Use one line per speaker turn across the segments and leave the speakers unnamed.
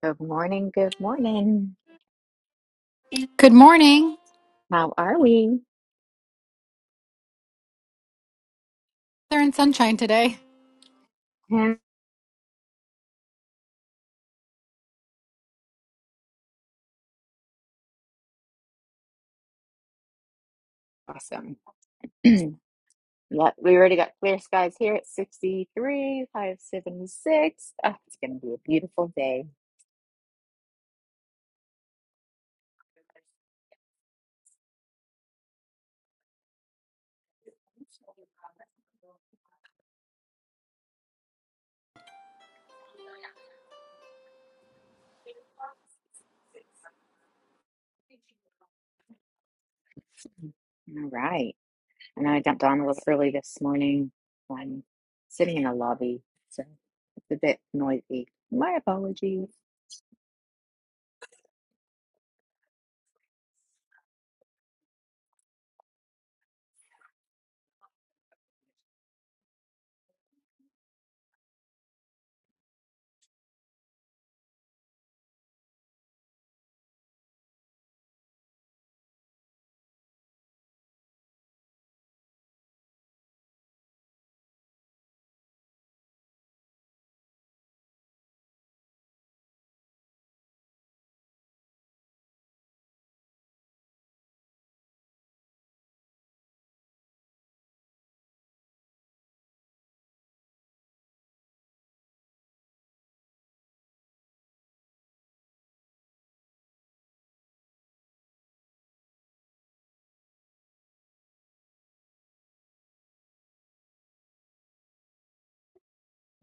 Good morning. Good morning.
Good morning.
How are we?
They're in sunshine today.
Hmm, Awesome. Yep, we already got clear skies here at 63, high of 76. Ah, it's going to be a beautiful day. All right. I know I jumped on a little early this morning. I'm sitting in a lobby, so it's a bit noisy. My apologies.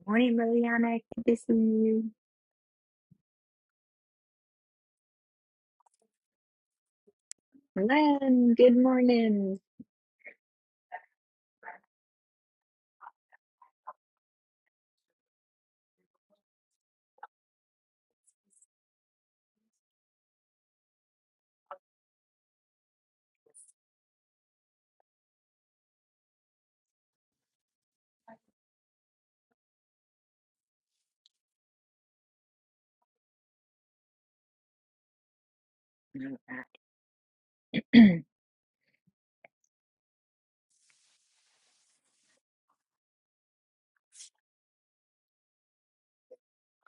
Morning, Liliana. Good to see you. Len, good morning. All right.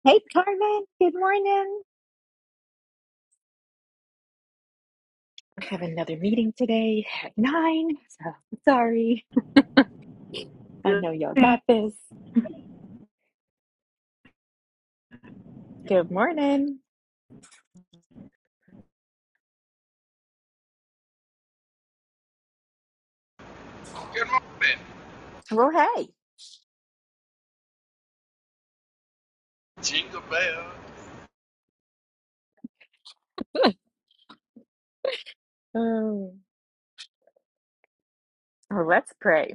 hey, Carmen. Good morning. I have another meeting today at nine, so I'm sorry. I
Good,
know y'all got this. Good morning.
Good morning,
Well,
Jingle Bell.
hey. Um, well, let's pray.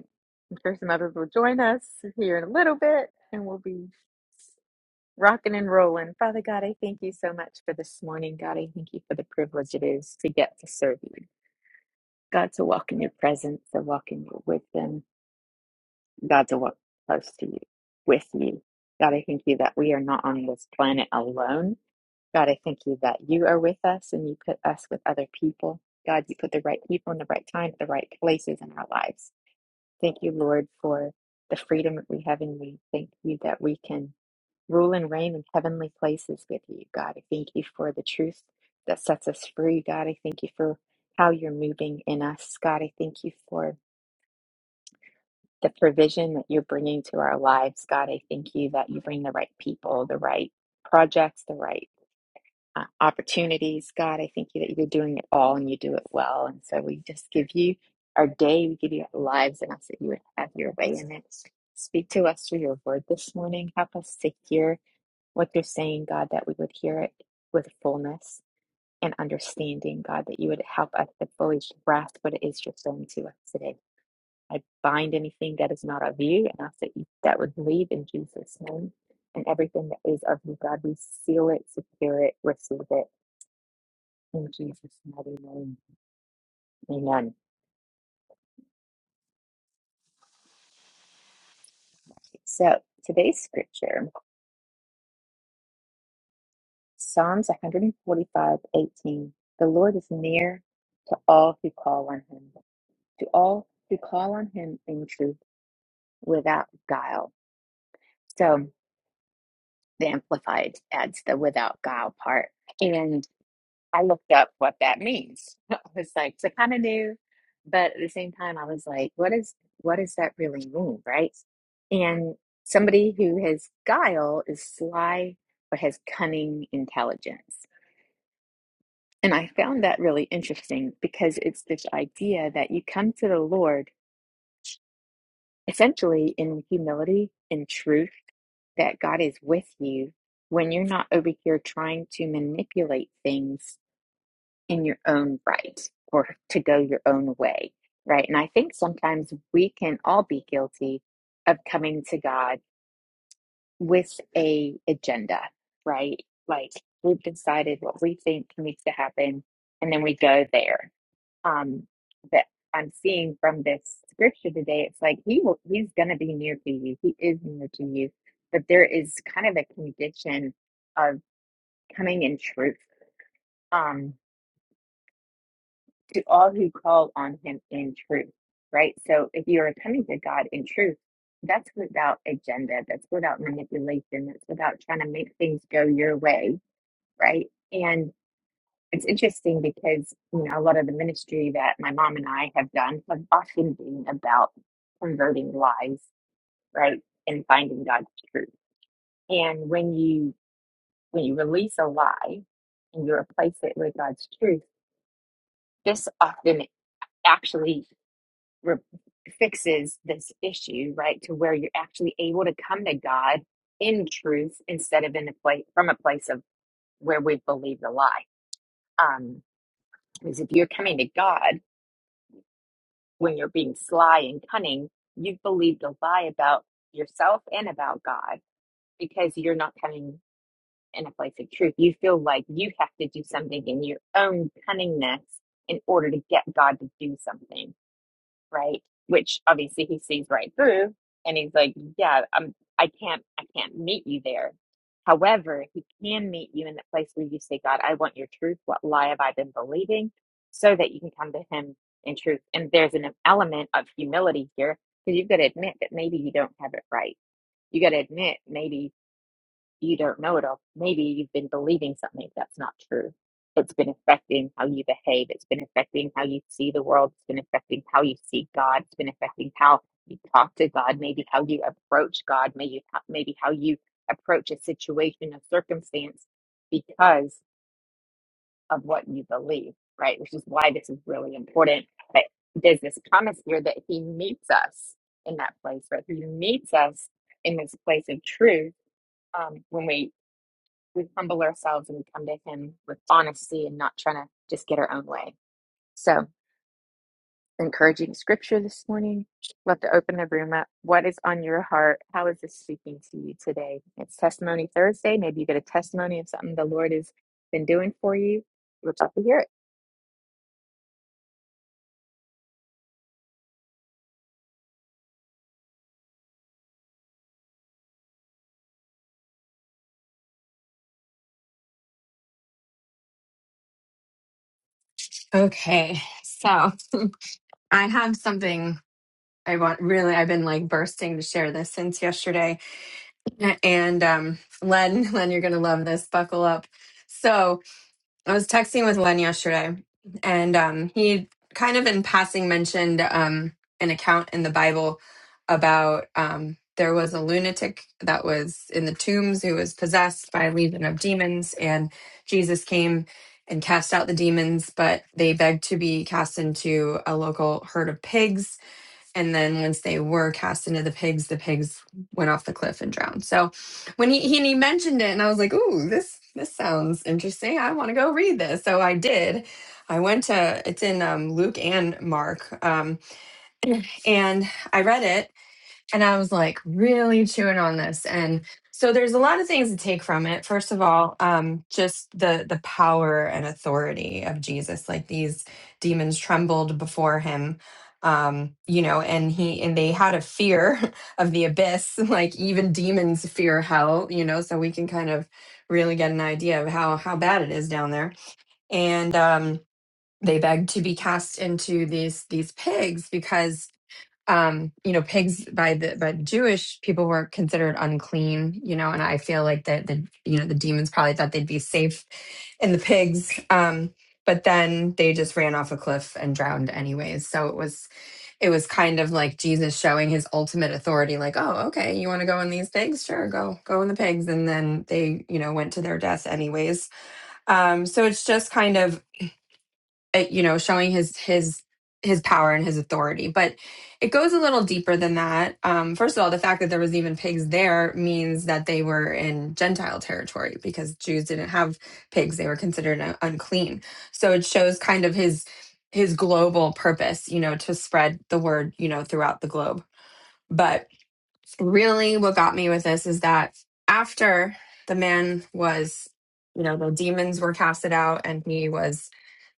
I'm sure some others will join us here in a little bit, and we'll be rocking and rolling. Father God, I thank you so much for this morning. God, I thank you for the privilege it is to get to serve you. God, to walk in your presence, to walk in your wisdom. God, to walk close to you, with you. God, I thank you that we are not on this planet alone. God, I thank you that you are with us and you put us with other people. God, you put the right people in the right time, at the right places in our lives. Thank you, Lord, for the freedom that we have in you. Thank you that we can rule and reign in heavenly places with you, God. I thank you for the truth that sets us free, God. I thank you for how you're moving in us, God. I thank you for the provision that you're bringing to our lives, God. I thank you that you bring the right people, the right projects, the right uh, opportunities, God. I thank you that you're doing it all and you do it well. And so we just give you our day, we give you our lives, and ask that you would have your way in it. Speak to us through your word this morning. Help us to hear what you're saying, God, that we would hear it with fullness and understanding, God, that you would help us to fully grasp what it is you're saying to us today. I bind anything that is not of you, and I say that would leave in Jesus' name. And everything that is of you, God, we seal it, secure it, receive it in Jesus' mighty name. Amen. So today's scripture, Psalms 145 18, The Lord is near to all who call on him, to all who call on him in truth without guile. So the Amplified adds the without guile part. and. I looked up what that means. I was like, so kind of new, but at the same time, I was like, what is what does that really mean, right? And somebody who has guile is sly or has cunning intelligence. And I found that really interesting because it's this idea that you come to the Lord essentially in humility, in truth, that God is with you when you're not over here trying to manipulate things in your own right or to go your own way, right? And I think sometimes we can all be guilty of coming to God with a agenda, right? Like we've decided what we think needs to happen, and then we go there. Um, that I'm seeing from this scripture today, it's like he will, he's going to be near to you. He is near to you, but there is kind of a condition of coming in truth. Um, to all who call on him in truth, right? So if you are coming to God in truth, that's without agenda, that's without manipulation, that's without trying to make things go your way, right? And it's interesting because, you know, a lot of the ministry that my mom and I have done have often been about converting lies, right? And finding God's truth. And when you when you release a lie and you replace it with God's truth, this often actually re- fixes this issue, right? To where you're actually able to come to God in truth instead of in a place from a place of where we believe the lie. Um, because if you're coming to God when you're being sly and cunning, you've believed a lie about yourself and about God because you're not coming in a place of truth. You feel like you have to do something in your own cunningness in order to get God to do something right? Which obviously he sees right through, and he's like, "Yeah, I'm, I can't, I can't meet you there." However, he can meet you in the place where you say, "God, I want your truth. What lie have I been believing?" So that you can come to Him in truth. And there's an element of humility here because you've got to admit that maybe you don't have it right. You got to admit maybe you don't know it all. Maybe you've been believing something that's not true. It's been affecting how you behave. It's been affecting how you see the world. It's been affecting how you see God. It's been affecting how you talk to God. Maybe how you approach God. Maybe maybe how you approach a situation, a circumstance, because of what you believe. Right, which is why this is really important. But there's this promise here that He meets us in that place. Right, He meets us in this place of truth um, when we we humble ourselves and we come to him with honesty and not trying to just get our own way. So, encouraging scripture this morning. Love to open the room up. What is on your heart? How is this speaking to you today? It's Testimony Thursday. Maybe you get a testimony of something the Lord has been doing for you. We'd love to hear it.
Okay, so I have something I want really I've been like bursting to share this since yesterday. And um Len, Len, you're gonna love this. Buckle up. So. I was texting with Len yesterday, and um, he kind of in passing mentioned um, an account in the Bible about um, there was a lunatic that was in the tombs who was possessed by a legion of demons, and Jesus came and cast out the demons, but they begged to be cast into a local herd of pigs and then once they were cast into the pigs, the pigs went off the cliff and drowned. So when he he, he mentioned it, and I was like, "Ooh, this this sounds interesting. I want to go read this." So I did. I went to it's in um, Luke and Mark, um, and I read it and I was like really chewing on this. And so there's a lot of things to take from it. First of all, um, just the the power and authority of Jesus. Like these demons trembled before him, um, you know, and he and they had a fear of the abyss. Like even demons fear hell, you know. So we can kind of really get an idea of how how bad it is down there. And um, they begged to be cast into these these pigs because um you know pigs by the by jewish people were considered unclean you know and i feel like that the you know the demons probably thought they'd be safe in the pigs um but then they just ran off a cliff and drowned anyways so it was it was kind of like jesus showing his ultimate authority like oh okay you want to go in these pigs sure go go in the pigs and then they you know went to their death anyways um so it's just kind of uh, you know showing his his his power and his authority but it goes a little deeper than that um, first of all the fact that there was even pigs there means that they were in gentile territory because jews didn't have pigs they were considered un- unclean so it shows kind of his his global purpose you know to spread the word you know throughout the globe but really what got me with this is that after the man was you know the demons were casted out and he was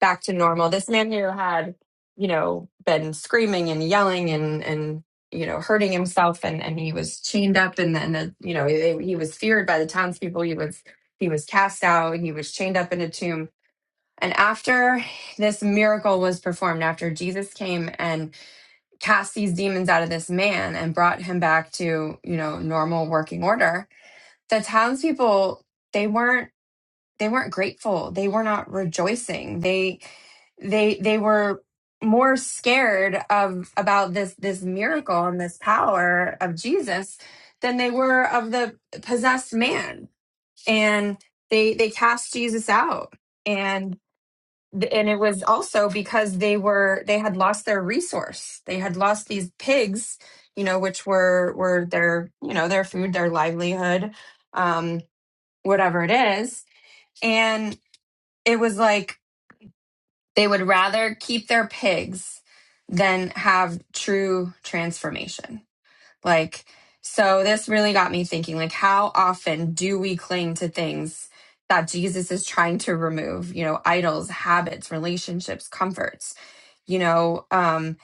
back to normal this man who had you know been screaming and yelling and and you know hurting himself and and he was chained up and then uh, you know he, he was feared by the townspeople he was he was cast out he was chained up in a tomb and after this miracle was performed after jesus came and cast these demons out of this man and brought him back to you know normal working order the townspeople they weren't they weren't grateful they were not rejoicing they they they were more scared of about this this miracle and this power of jesus than they were of the possessed man and they they cast jesus out and. Th- and it was also because they were they had lost their resource they had lost these pigs you know which were were their you know their food their livelihood um whatever it is and it was like they would rather keep their pigs than have true transformation like so this really got me thinking like how often do we cling to things that Jesus is trying to remove, you know, idols, habits, relationships, comforts you know um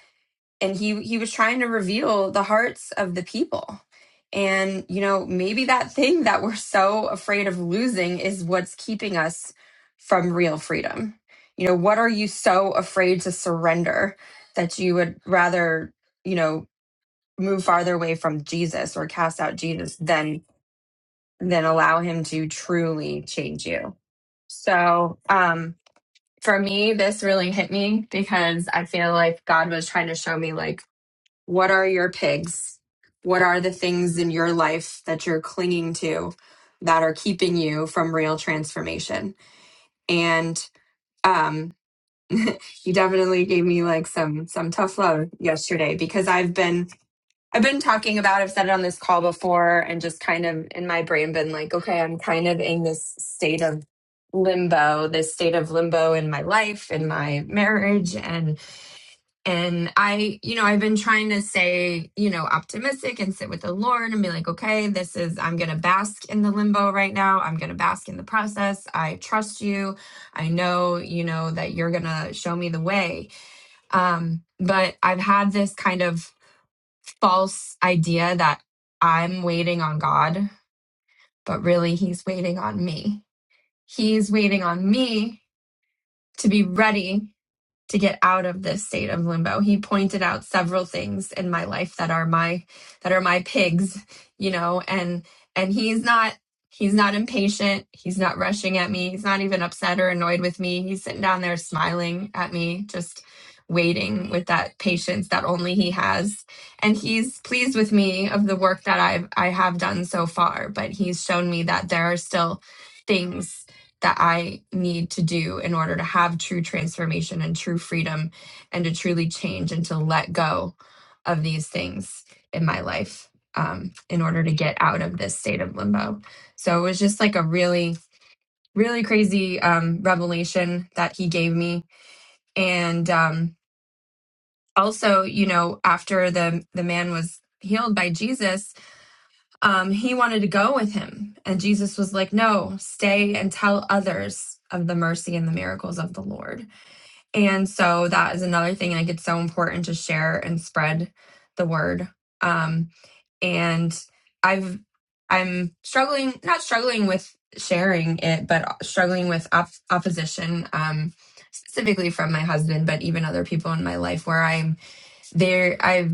and he he was trying to reveal the hearts of the people and you know maybe that thing that we're so afraid of losing is what's keeping us from real freedom you know what are you so afraid to surrender that you would rather you know move farther away from jesus or cast out jesus than than allow him to truly change you so um for me this really hit me because i feel like god was trying to show me like what are your pigs? What are the things in your life that you're clinging to that are keeping you from real transformation? And um you definitely gave me like some some tough love yesterday because I've been I've been talking about I've said it on this call before and just kind of in my brain been like okay I'm kind of in this state of limbo this state of limbo in my life in my marriage and. And I, you know, I've been trying to stay, you know, optimistic and sit with the Lord and be like, okay, this is, I'm going to bask in the limbo right now. I'm going to bask in the process. I trust you. I know, you know, that you're going to show me the way. Um, but I've had this kind of false idea that I'm waiting on God, but really he's waiting on me. He's waiting on me to be ready to get out of this state of limbo. He pointed out several things in my life that are my that are my pigs, you know, and and he's not he's not impatient, he's not rushing at me, he's not even upset or annoyed with me. He's sitting down there smiling at me, just waiting with that patience that only he has. And he's pleased with me of the work that I've I have done so far, but he's shown me that there are still things that I need to do in order to have true transformation and true freedom and to truly change and to let go of these things in my life um, in order to get out of this state of limbo. So it was just like a really, really crazy um, revelation that he gave me. And um, also, you know, after the, the man was healed by Jesus, um, he wanted to go with him. And Jesus was like, No, stay and tell others of the mercy and the miracles of the Lord. And so that is another thing like it's so important to share and spread the word. Um, and I've I'm struggling, not struggling with sharing it, but struggling with op- opposition, um, specifically from my husband, but even other people in my life where I'm there. I've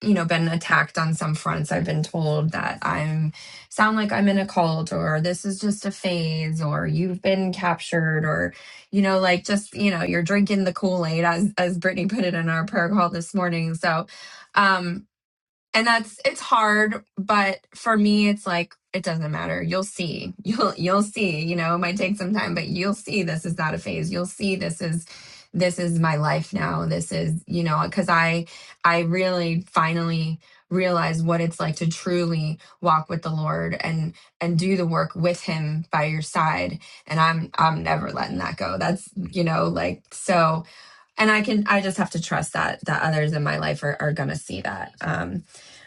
you know been attacked on some fronts i've been told that i'm sound like i'm in a cult or this is just a phase or you've been captured or you know like just you know you're drinking the kool-aid as as brittany put it in our prayer call this morning so um, and that's it's hard but for me it's like it doesn't matter you'll see you'll you'll see you know it might take some time but you'll see this is not a phase you'll see this is this is my life now this is you know because i i really finally realized what it's like to truly walk with the lord and and do the work with him by your side and i'm i'm never letting that go that's you know like so and I can I just have to trust that that others in my life are, are gonna see that. Um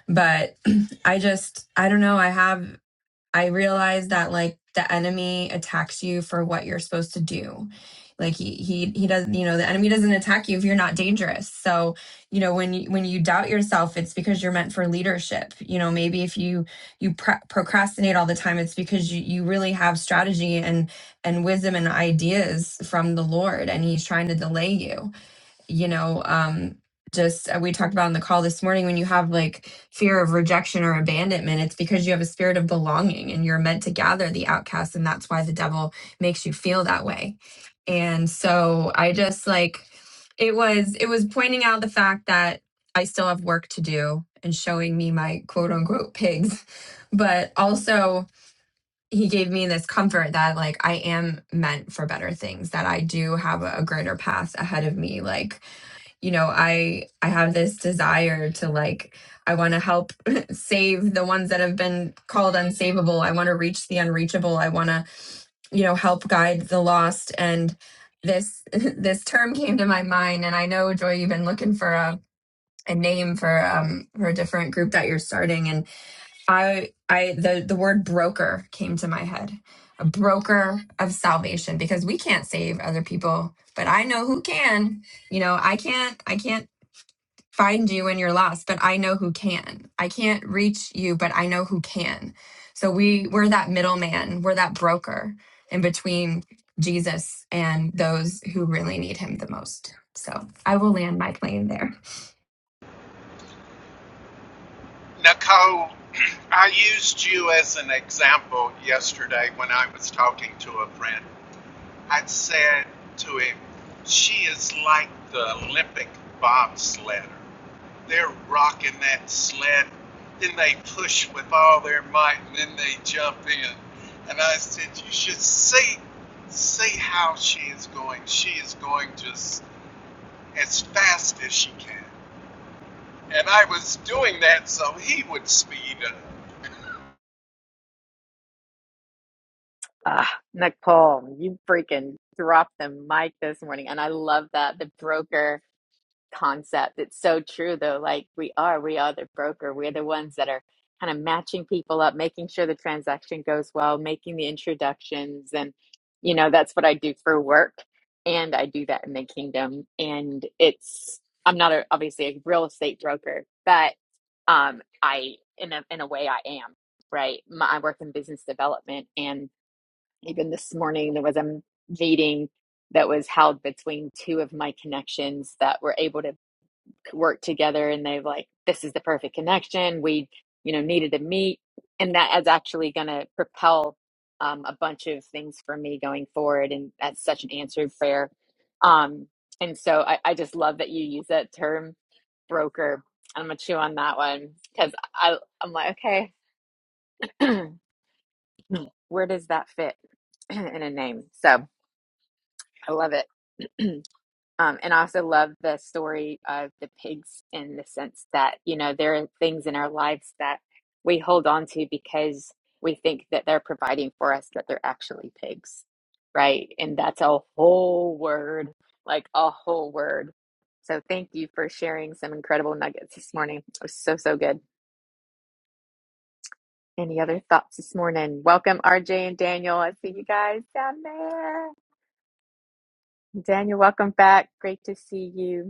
but I just I don't know, I have I realize that like the enemy attacks you for what you're supposed to do. Like he he he doesn't you know the enemy doesn't attack you if you're not dangerous. So, you know, when you when you doubt yourself, it's because you're meant for leadership. You know, maybe if you you pre- procrastinate all the time, it's because you you really have strategy and and wisdom and ideas from the Lord and he's trying to delay you you know, um, just uh, we talked about on the call this morning when you have like fear of rejection or abandonment, it's because you have a spirit of belonging and you're meant to gather the outcasts, and that's why the devil makes you feel that way. And so I just like it was it was pointing out the fact that I still have work to do and showing me my quote unquote pigs, but also he gave me this comfort that like I am meant for better things, that I do have a a greater path ahead of me. Like you know i i have this desire to like i want to help save the ones that have been called unsavable i want to reach the unreachable i want to you know help guide the lost and this this term came to my mind and i know joy you've been looking for a a name for um for a different group that you're starting and i i the the word broker came to my head a broker of salvation because we can't save other people but i know who can you know i can't i can't find you in your loss, but I know who can. I can't reach you, but I know who can. So we we're that middleman, we're that broker in between Jesus and those who really need him the most. So I will land my plane there.
Nicole, I used you as an example yesterday when I was talking to a friend. I said to him, She is like the Olympic bobsledder. They're rocking that sled, then they push with all their might, and then they jump in. And I said, You should see. See how she is going. She is going just as fast as she can. And I was doing that so he would speed up.
Ah, Nicole, you freaking dropped the mic this morning. And I love that. The broker. concept. It's so true though. Like we are, we are the broker. We're the ones that are kind of matching people up, making sure the transaction goes well, making the introductions and you know, that's what I do for work and I do that in the kingdom and it's I'm not a, obviously a real estate broker, but um I in a in a way I am, right? My, I work in business development and even this morning there was a meeting that was held between two of my connections that were able to worked together and they've like this is the perfect connection we you know needed to meet and that is actually going to propel um, a bunch of things for me going forward and that's such an answered prayer um, and so I, I just love that you use that term broker i'm gonna chew on that one because i i'm like okay where does that fit in a name so i love it Um, and I also love the story of the pigs in the sense that, you know, there are things in our lives that we hold on to because we think that they're providing for us, that they're actually pigs, right? And that's a whole word, like a whole word. So thank you for sharing some incredible nuggets this morning. It was so, so good. Any other thoughts this morning? Welcome, RJ and Daniel. I see you guys down there. Daniel, welcome back. Great to see you.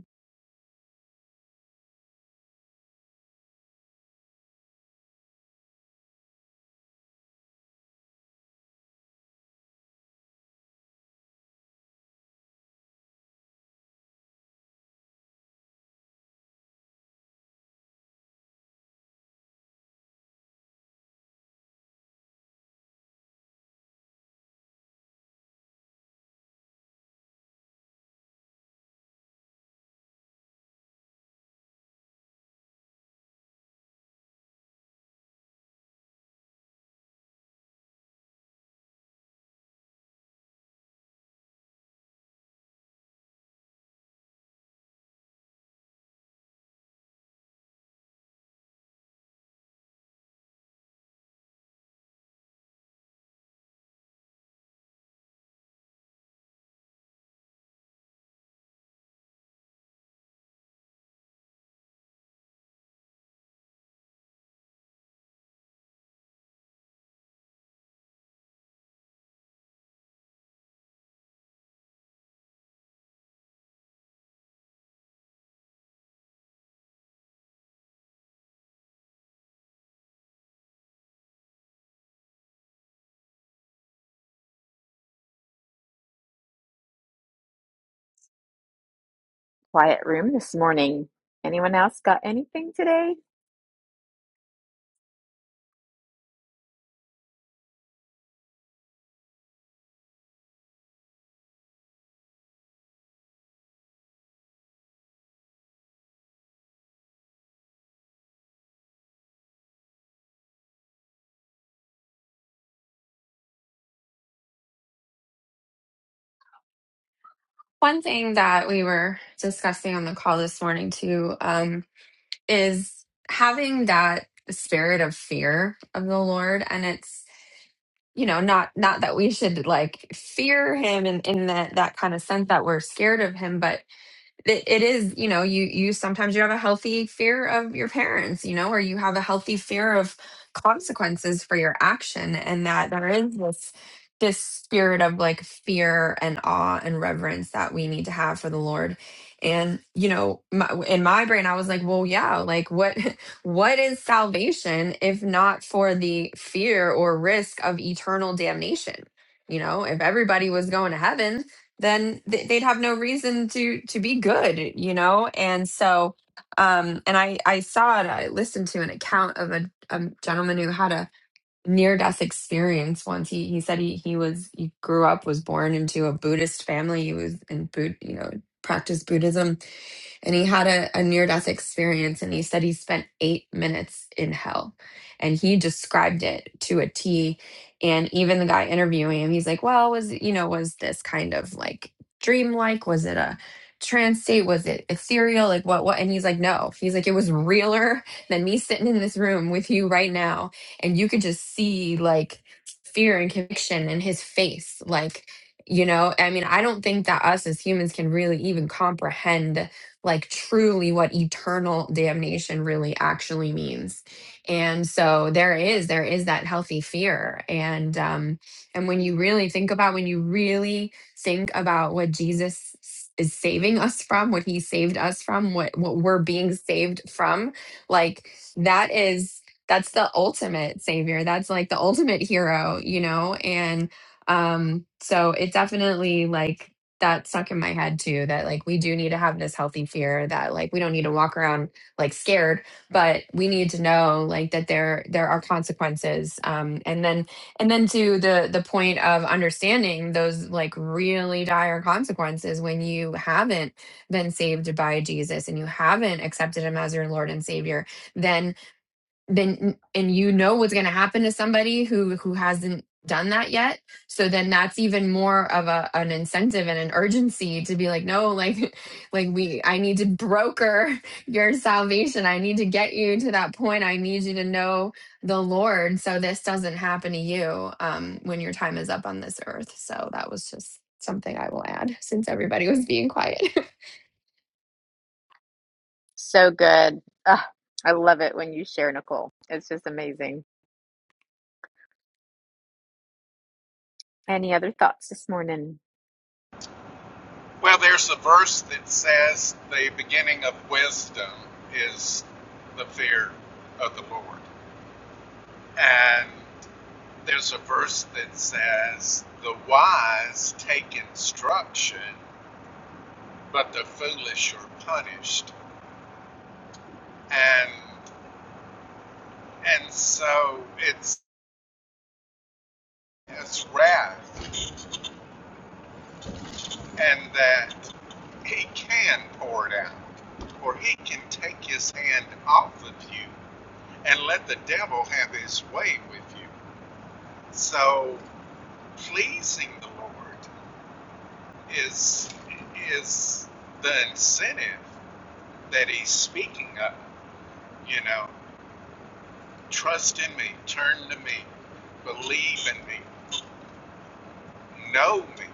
quiet room this morning. Anyone else got anything today?
One thing that we were discussing on the call this morning too um, is having that spirit of fear of the Lord, and it's you know not not that we should like fear Him in in that that kind of sense that we're scared of Him, but it, it is you know you you sometimes you have a healthy fear of your parents you know or you have a healthy fear of consequences for your action and that there is this this spirit of like fear and awe and reverence that we need to have for the lord and you know my, in my brain i was like well yeah like what what is salvation if not for the fear or risk of eternal damnation you know if everybody was going to heaven then th- they'd have no reason to to be good you know and so um and i i saw it i listened to an account of a, a gentleman who had a near death experience once he he said he he was he grew up was born into a buddhist family he was in boot you know practiced buddhism and he had a, a near death experience and he said he spent eight minutes in hell and he described it to a t and even the guy interviewing him he's like well was you know was this kind of like dreamlike was it a trance state was it ethereal like what what and he's like no he's like it was realer than me sitting in this room with you right now and you could just see like fear and conviction in his face like you know i mean i don't think that us as humans can really even comprehend like truly what eternal damnation really actually means and so there is there is that healthy fear and um and when you really think about when you really think about what jesus s- is saving us from what he saved us from what what we're being saved from like that is that's the ultimate savior that's like the ultimate hero you know and um so it definitely like that stuck in my head too that like we do need to have this healthy fear that like we don't need to walk around like scared but we need to know like that there there are consequences um and then and then to the the point of understanding those like really dire consequences when you haven't been saved by Jesus and you haven't accepted him as your lord and savior then then and you know what's going to happen to somebody who who hasn't done that yet so then that's even more of a an incentive and an urgency to be like no like like we i need to broker your salvation i need to get you to that point i need you to know the Lord. So this doesn't happen to you um, when your time is up on this earth. So that was just something I will add since everybody was being quiet.
So good. Ugh, I love it when you share, Nicole. It's just amazing. Any other thoughts this morning?
Well, there's a verse that says the beginning of wisdom is the fear of the Lord. And there's a verse that says the wise take instruction, but the foolish are punished. And and so it's it's wrath and that he can pour it out or he can take his hand off of you and let the devil have his way with you. So pleasing the Lord is is the incentive that he's speaking of. You know, trust in me, turn to me, believe in me, know me,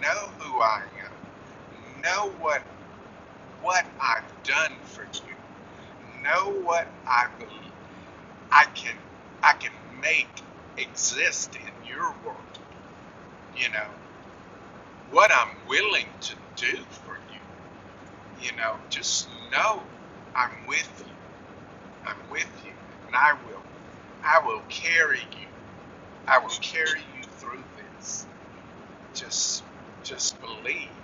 know who I am, know what what I've done for you, know what I believe I can I can make exist in your world. You know, what I'm willing to do for you. You know, just know I'm with you. I'm with you, and I will. I will carry you. I will carry you through this. Just, just believe.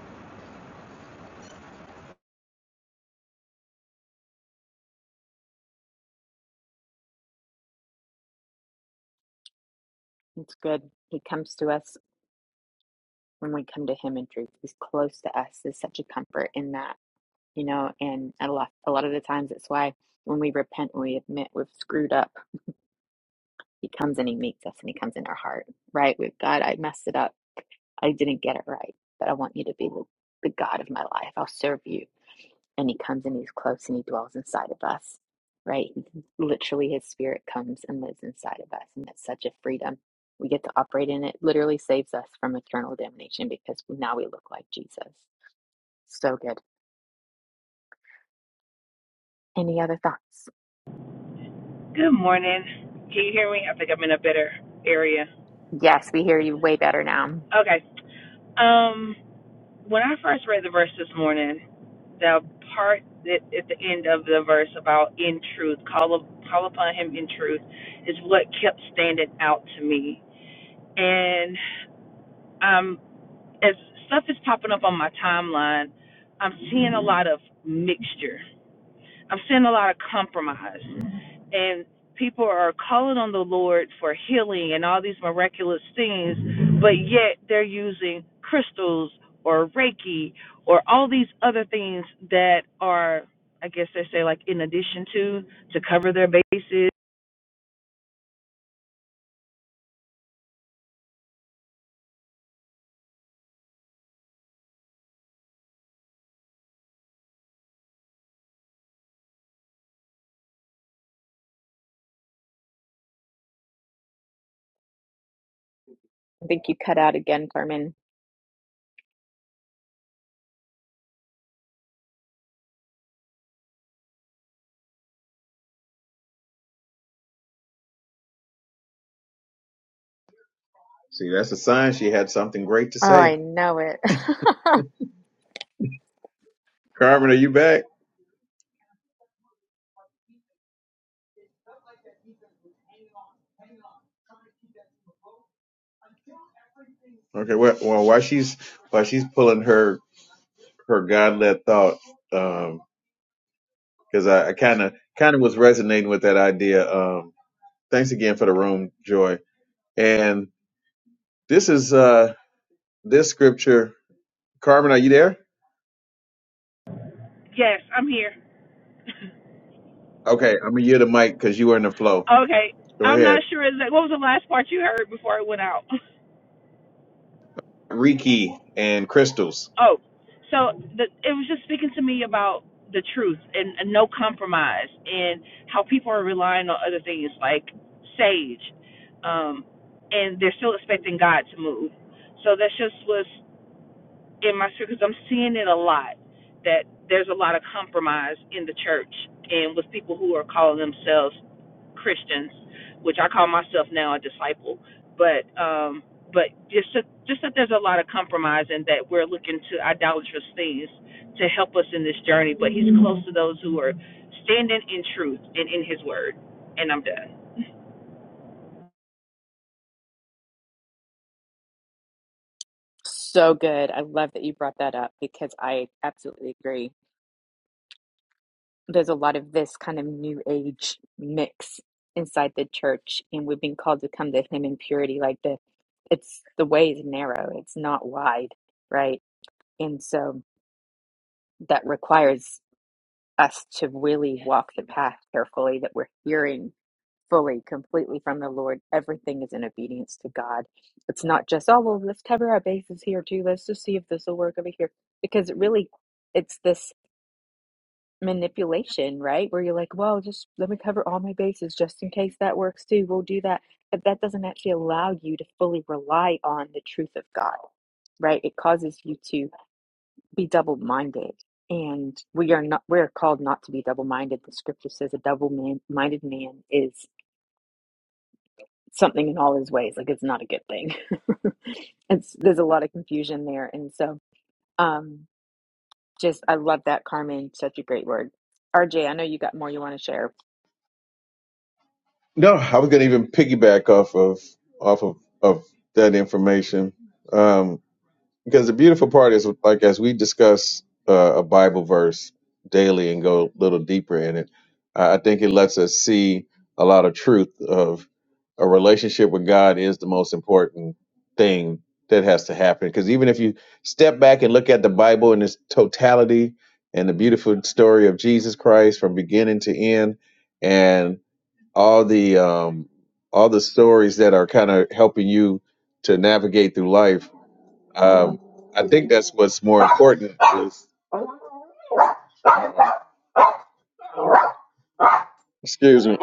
It's good. He comes to us when we come to him in truth. He's close to us. There's such a comfort in that, you know, and a lot, a lot of the times it's why when we repent, when we admit we've screwed up, he comes and he meets us and he comes in our heart, right? With God, I messed it up. I didn't get it right, but I want you to be the, the God of my life. I'll serve you. and he comes and he's close and he dwells inside of us right literally his spirit comes and lives inside of us and that's such a freedom we get to operate in it literally saves us from eternal damnation because now we look like jesus so good any other thoughts
good morning. Can you hear me? I think I'm in a better area.
yes we hear you way better now
Okay. Um, when I first read the verse this morning, the part that at the end of the verse about in truth, call up, call upon him in truth, is what kept standing out to me. And um, as stuff is popping up on my timeline, I'm seeing a lot of mixture. I'm seeing a lot of compromise. and people are calling on the Lord for healing and all these miraculous things, but yet they're using crystals or Reiki or all these other things that are, I guess they say, like in addition to, to cover their bases.
i think you cut out again carmen
See, that's a sign she had something great to
oh
say.
i know it
Carmen, are you back? Okay. Well, well while she's while she's pulling her her God led thought, because I kind of kind of was resonating with that idea. Um, thanks again for the room, Joy. And this is uh this scripture. Carmen, are you there?
Yes, I'm here.
Okay, I'm gonna yield the mic because you were in the flow.
Okay.
Go
I'm
ahead,
not sure exactly. What was the last part you heard before it went out?
Riki and Crystals.
Oh, so the, it was just speaking to me about the truth and, and no compromise and how people are relying on other things like sage, um, and they're still expecting God to move. So that's just was in my spirit because I'm seeing it a lot that there's a lot of compromise in the church and with people who are calling themselves Christians, which I call myself now a disciple, but um, but just that, just that there's a lot of compromise and that we're looking to idolatrous things to help us in this journey. But He's close to those who are standing in truth and in His Word. And I'm done.
So good. I love that you brought that up because I absolutely agree. There's a lot of this kind of new age mix inside the church, and we've been called to come to Him in purity. Like the, it's the way is narrow, it's not wide, right? And so that requires us to really walk the path carefully, that we're hearing fully, completely from the Lord. Everything is in obedience to God. It's not just, oh, well, let's cover our bases here too. Let's just see if this will work over here. Because really, it's this manipulation, right? Where you're like, well, just let me cover all my bases just in case that works too. We'll do that. But that doesn't actually allow you to fully rely on the truth of God, right? It causes you to be double minded. And we are not, we are called not to be double minded. The scripture says a double minded man is something in all his ways. Like it's not a good thing. it's, there's a lot of confusion there. And so, um, just, I love that, Carmen. Such a great word. RJ, I know you got more you want to share.
No, I was gonna even piggyback off of off of of that information. Um, because the beautiful part is like as we discuss uh, a bible verse daily and go a little deeper in it i I think it lets us see a lot of truth of a relationship with god is the most important thing that has to happen because even if you step back and look at the bible in its totality and the beautiful story of jesus christ from beginning to end and all the um all the stories that are kind of helping you to navigate through life um, I think that's what's more important. Is, excuse me.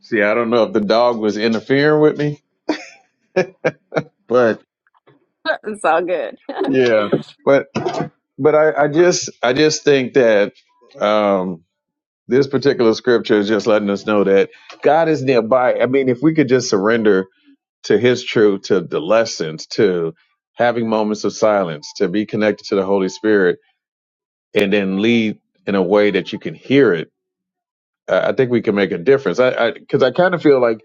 See, I don't know if the dog was interfering with me, but
it's all good.
yeah, but but I, I just I just think that um, this particular scripture is just letting us know that God is nearby. I mean, if we could just surrender to His truth, to the lessons, to having moments of silence, to be connected to the Holy Spirit, and then lead in a way that you can hear it, uh, I think we can make a difference. I because I, kind of feel like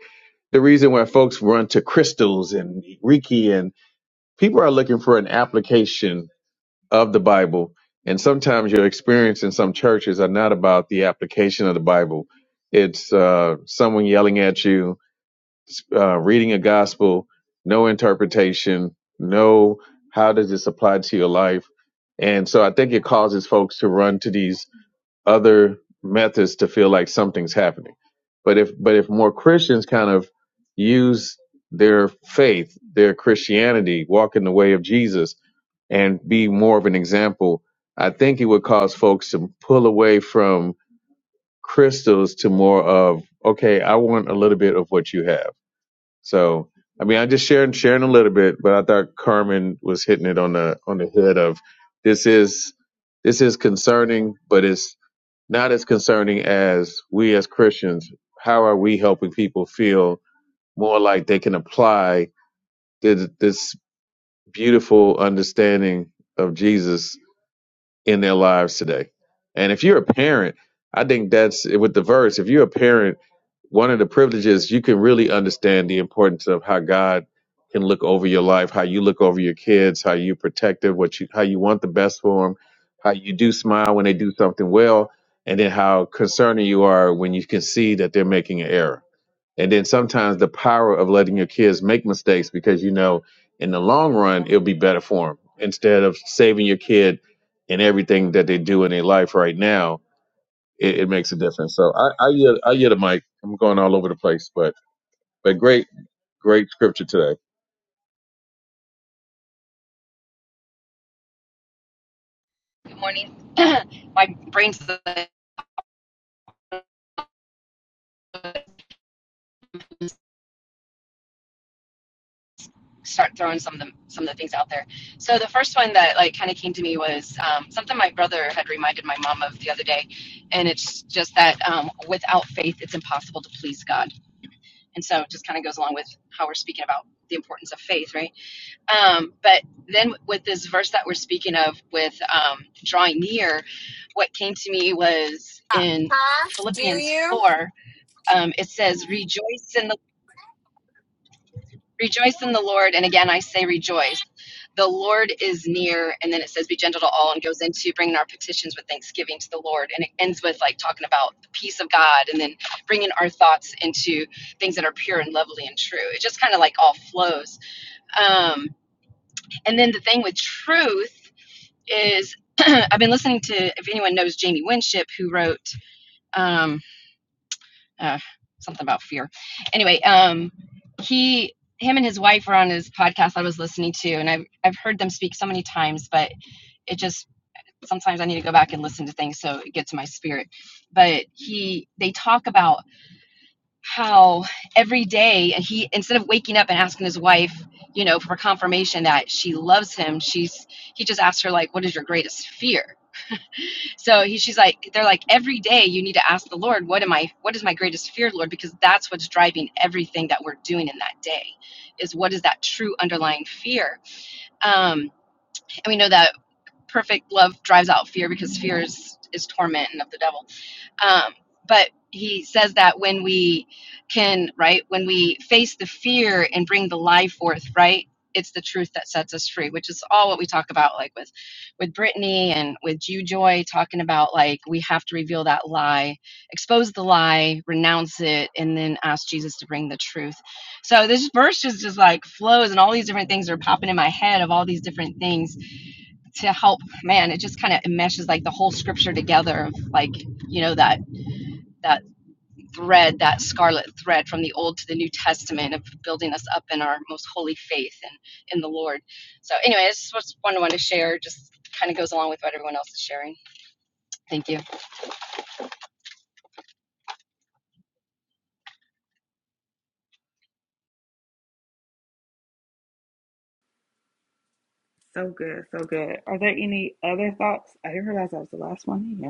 the reason why folks run to crystals and Reiki and people are looking for an application of the Bible. And sometimes your experience in some churches are not about the application of the Bible. It's uh, someone yelling at you, uh, reading a gospel, no interpretation, no how does this apply to your life. And so I think it causes folks to run to these other methods to feel like something's happening. But if but if more Christians kind of use their faith, their Christianity, walk in the way of Jesus, and be more of an example, I think it would cause folks to pull away from crystals to more of okay, I want a little bit of what you have. So I mean, I just sharing sharing a little bit, but I thought Carmen was hitting it on the on the head of this is this is concerning, but it's not as concerning as we as Christians, how are we helping people feel more like they can apply this, this beautiful understanding of Jesus in their lives today. And if you're a parent, I think that's with the verse. If you're a parent, one of the privileges you can really understand the importance of how God can look over your life, how you look over your kids, how you protect them, what you how you want the best for them, how you do smile when they do something well, and then how concerning you are when you can see that they're making an error and then sometimes the power of letting your kids make mistakes because you know in the long run it'll be better for them instead of saving your kid in everything that they do in their life right now it, it makes a difference so i i get i get a mic i'm going all over the place but but great great scripture today
Good morning. My brain's start throwing some of the some of the things out there. So the first one that like kind of came to me was um, something my brother had reminded my mom of the other day, and it's just that um, without faith, it's impossible to please God. And so it just kind of goes along with how we're speaking about the importance of faith, right? Um, but then with this verse that we're speaking of with um, drawing near, what came to me was in
Huh? Do
Philippians
you?
four. Um, it says, "Rejoice in the." Rejoice in the Lord. And again, I say rejoice. The Lord is near. And then it says, be gentle to all and goes into bringing our petitions with thanksgiving to the Lord. And it ends with like talking about the peace of God and then bringing our thoughts into things that are pure and lovely and true. It just kind of like all flows. Um, and then the thing with truth is, I've been listening to, if anyone knows Jamie Winship, who wrote, um, uh, something about fear. Anyway, um, he, him and his wife were on his podcast I was listening to, and I've I've heard them speak so many times, but it just sometimes I need to go back and listen to things so it gets my spirit. But he, they talk about how every day and he instead of waking up and asking his wife you know for confirmation that she loves him she's he just asks her like what is your greatest fear so he, she's like, they're like, every day you need to ask the Lord, what am I, what is my greatest fear, Lord? Because that's what's driving everything that we're doing in that day is what is that true underlying fear? Um, and we know that perfect love drives out fear because fear is, is torment and of the devil. Um, but he says that when we can, right, when we face the fear and bring the lie forth, right, it's the truth that sets us free, which is all what we talk about, like with with Brittany and with Jew Joy, talking about like we have to reveal that lie, expose the lie, renounce it, and then ask Jesus to bring the truth. So this verse just just like flows, and all these different things are popping in my head of all these different things to help. Man, it just kind of meshes like the whole scripture together of like you know that that thread, that scarlet thread from the Old to the New Testament of building us up in our most holy faith and in the Lord. So, anyway, this was one I wanted to share. Just kind of goes along with what everyone else is sharing. Thank you.
So good, so good. Are there any other thoughts? I didn't realize that was the last one.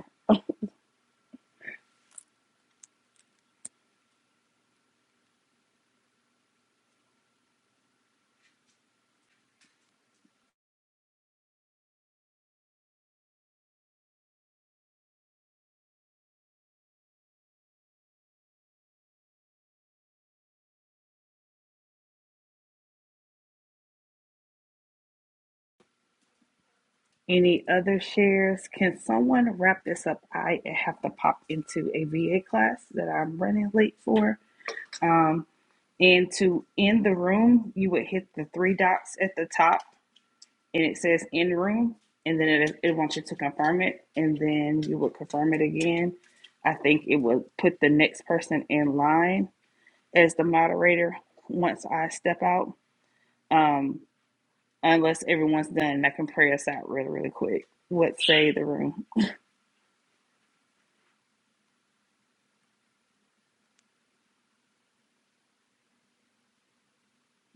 Any other shares? Can someone wrap this up? I have to pop into a VA class that I'm running late for. Um, and to end the room, you would hit the three dots at the top, and it says end room, and then it, it wants you to confirm it, and then you would confirm it again. I think it would put the next person in line as the moderator once I step out, um, unless everyone's done. I can pray us out really, really quick. What say the room?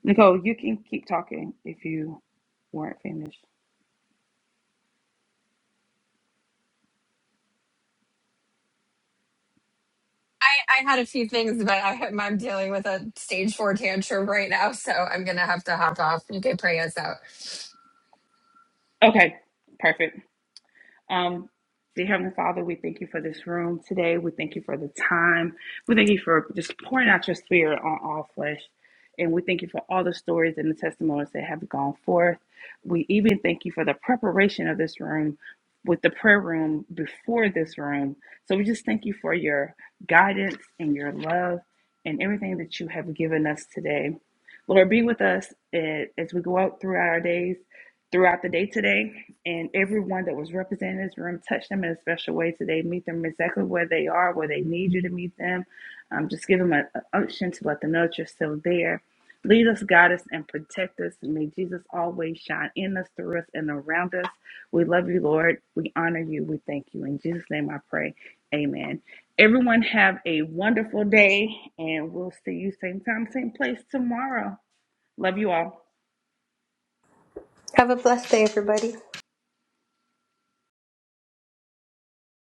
Nicole, you can keep talking if you weren't finished.
I, I had a few things, but I, I'm dealing with a stage four tantrum right now, so I'm gonna have to hop off. You can pray us out.
Okay, perfect. Um, dear Heavenly Father, we thank you for this room today. We thank you for the time. We thank you for just pouring out your spirit on all flesh. And we thank you for all the stories and the testimonies that have gone forth. We even thank you for the preparation of this room with the prayer room before this room. So we just thank you for your guidance and your love and everything that you have given us today. Lord, be with us eh, as we go out throughout our days throughout the day today. And everyone that was represented in this room, touch them in a special way today. Meet them exactly where they are, where they need you to meet them. Um, just give them an unction to let them know that you're still there. Lead us, guide us, and protect us. And may Jesus always shine in us, through us, and around us. We love you, Lord. We honor you. We thank you. In Jesus' name I pray. Amen. Everyone have a wonderful day, and we'll see you same time, same place tomorrow. Love you all.
Have a blessed day, everybody.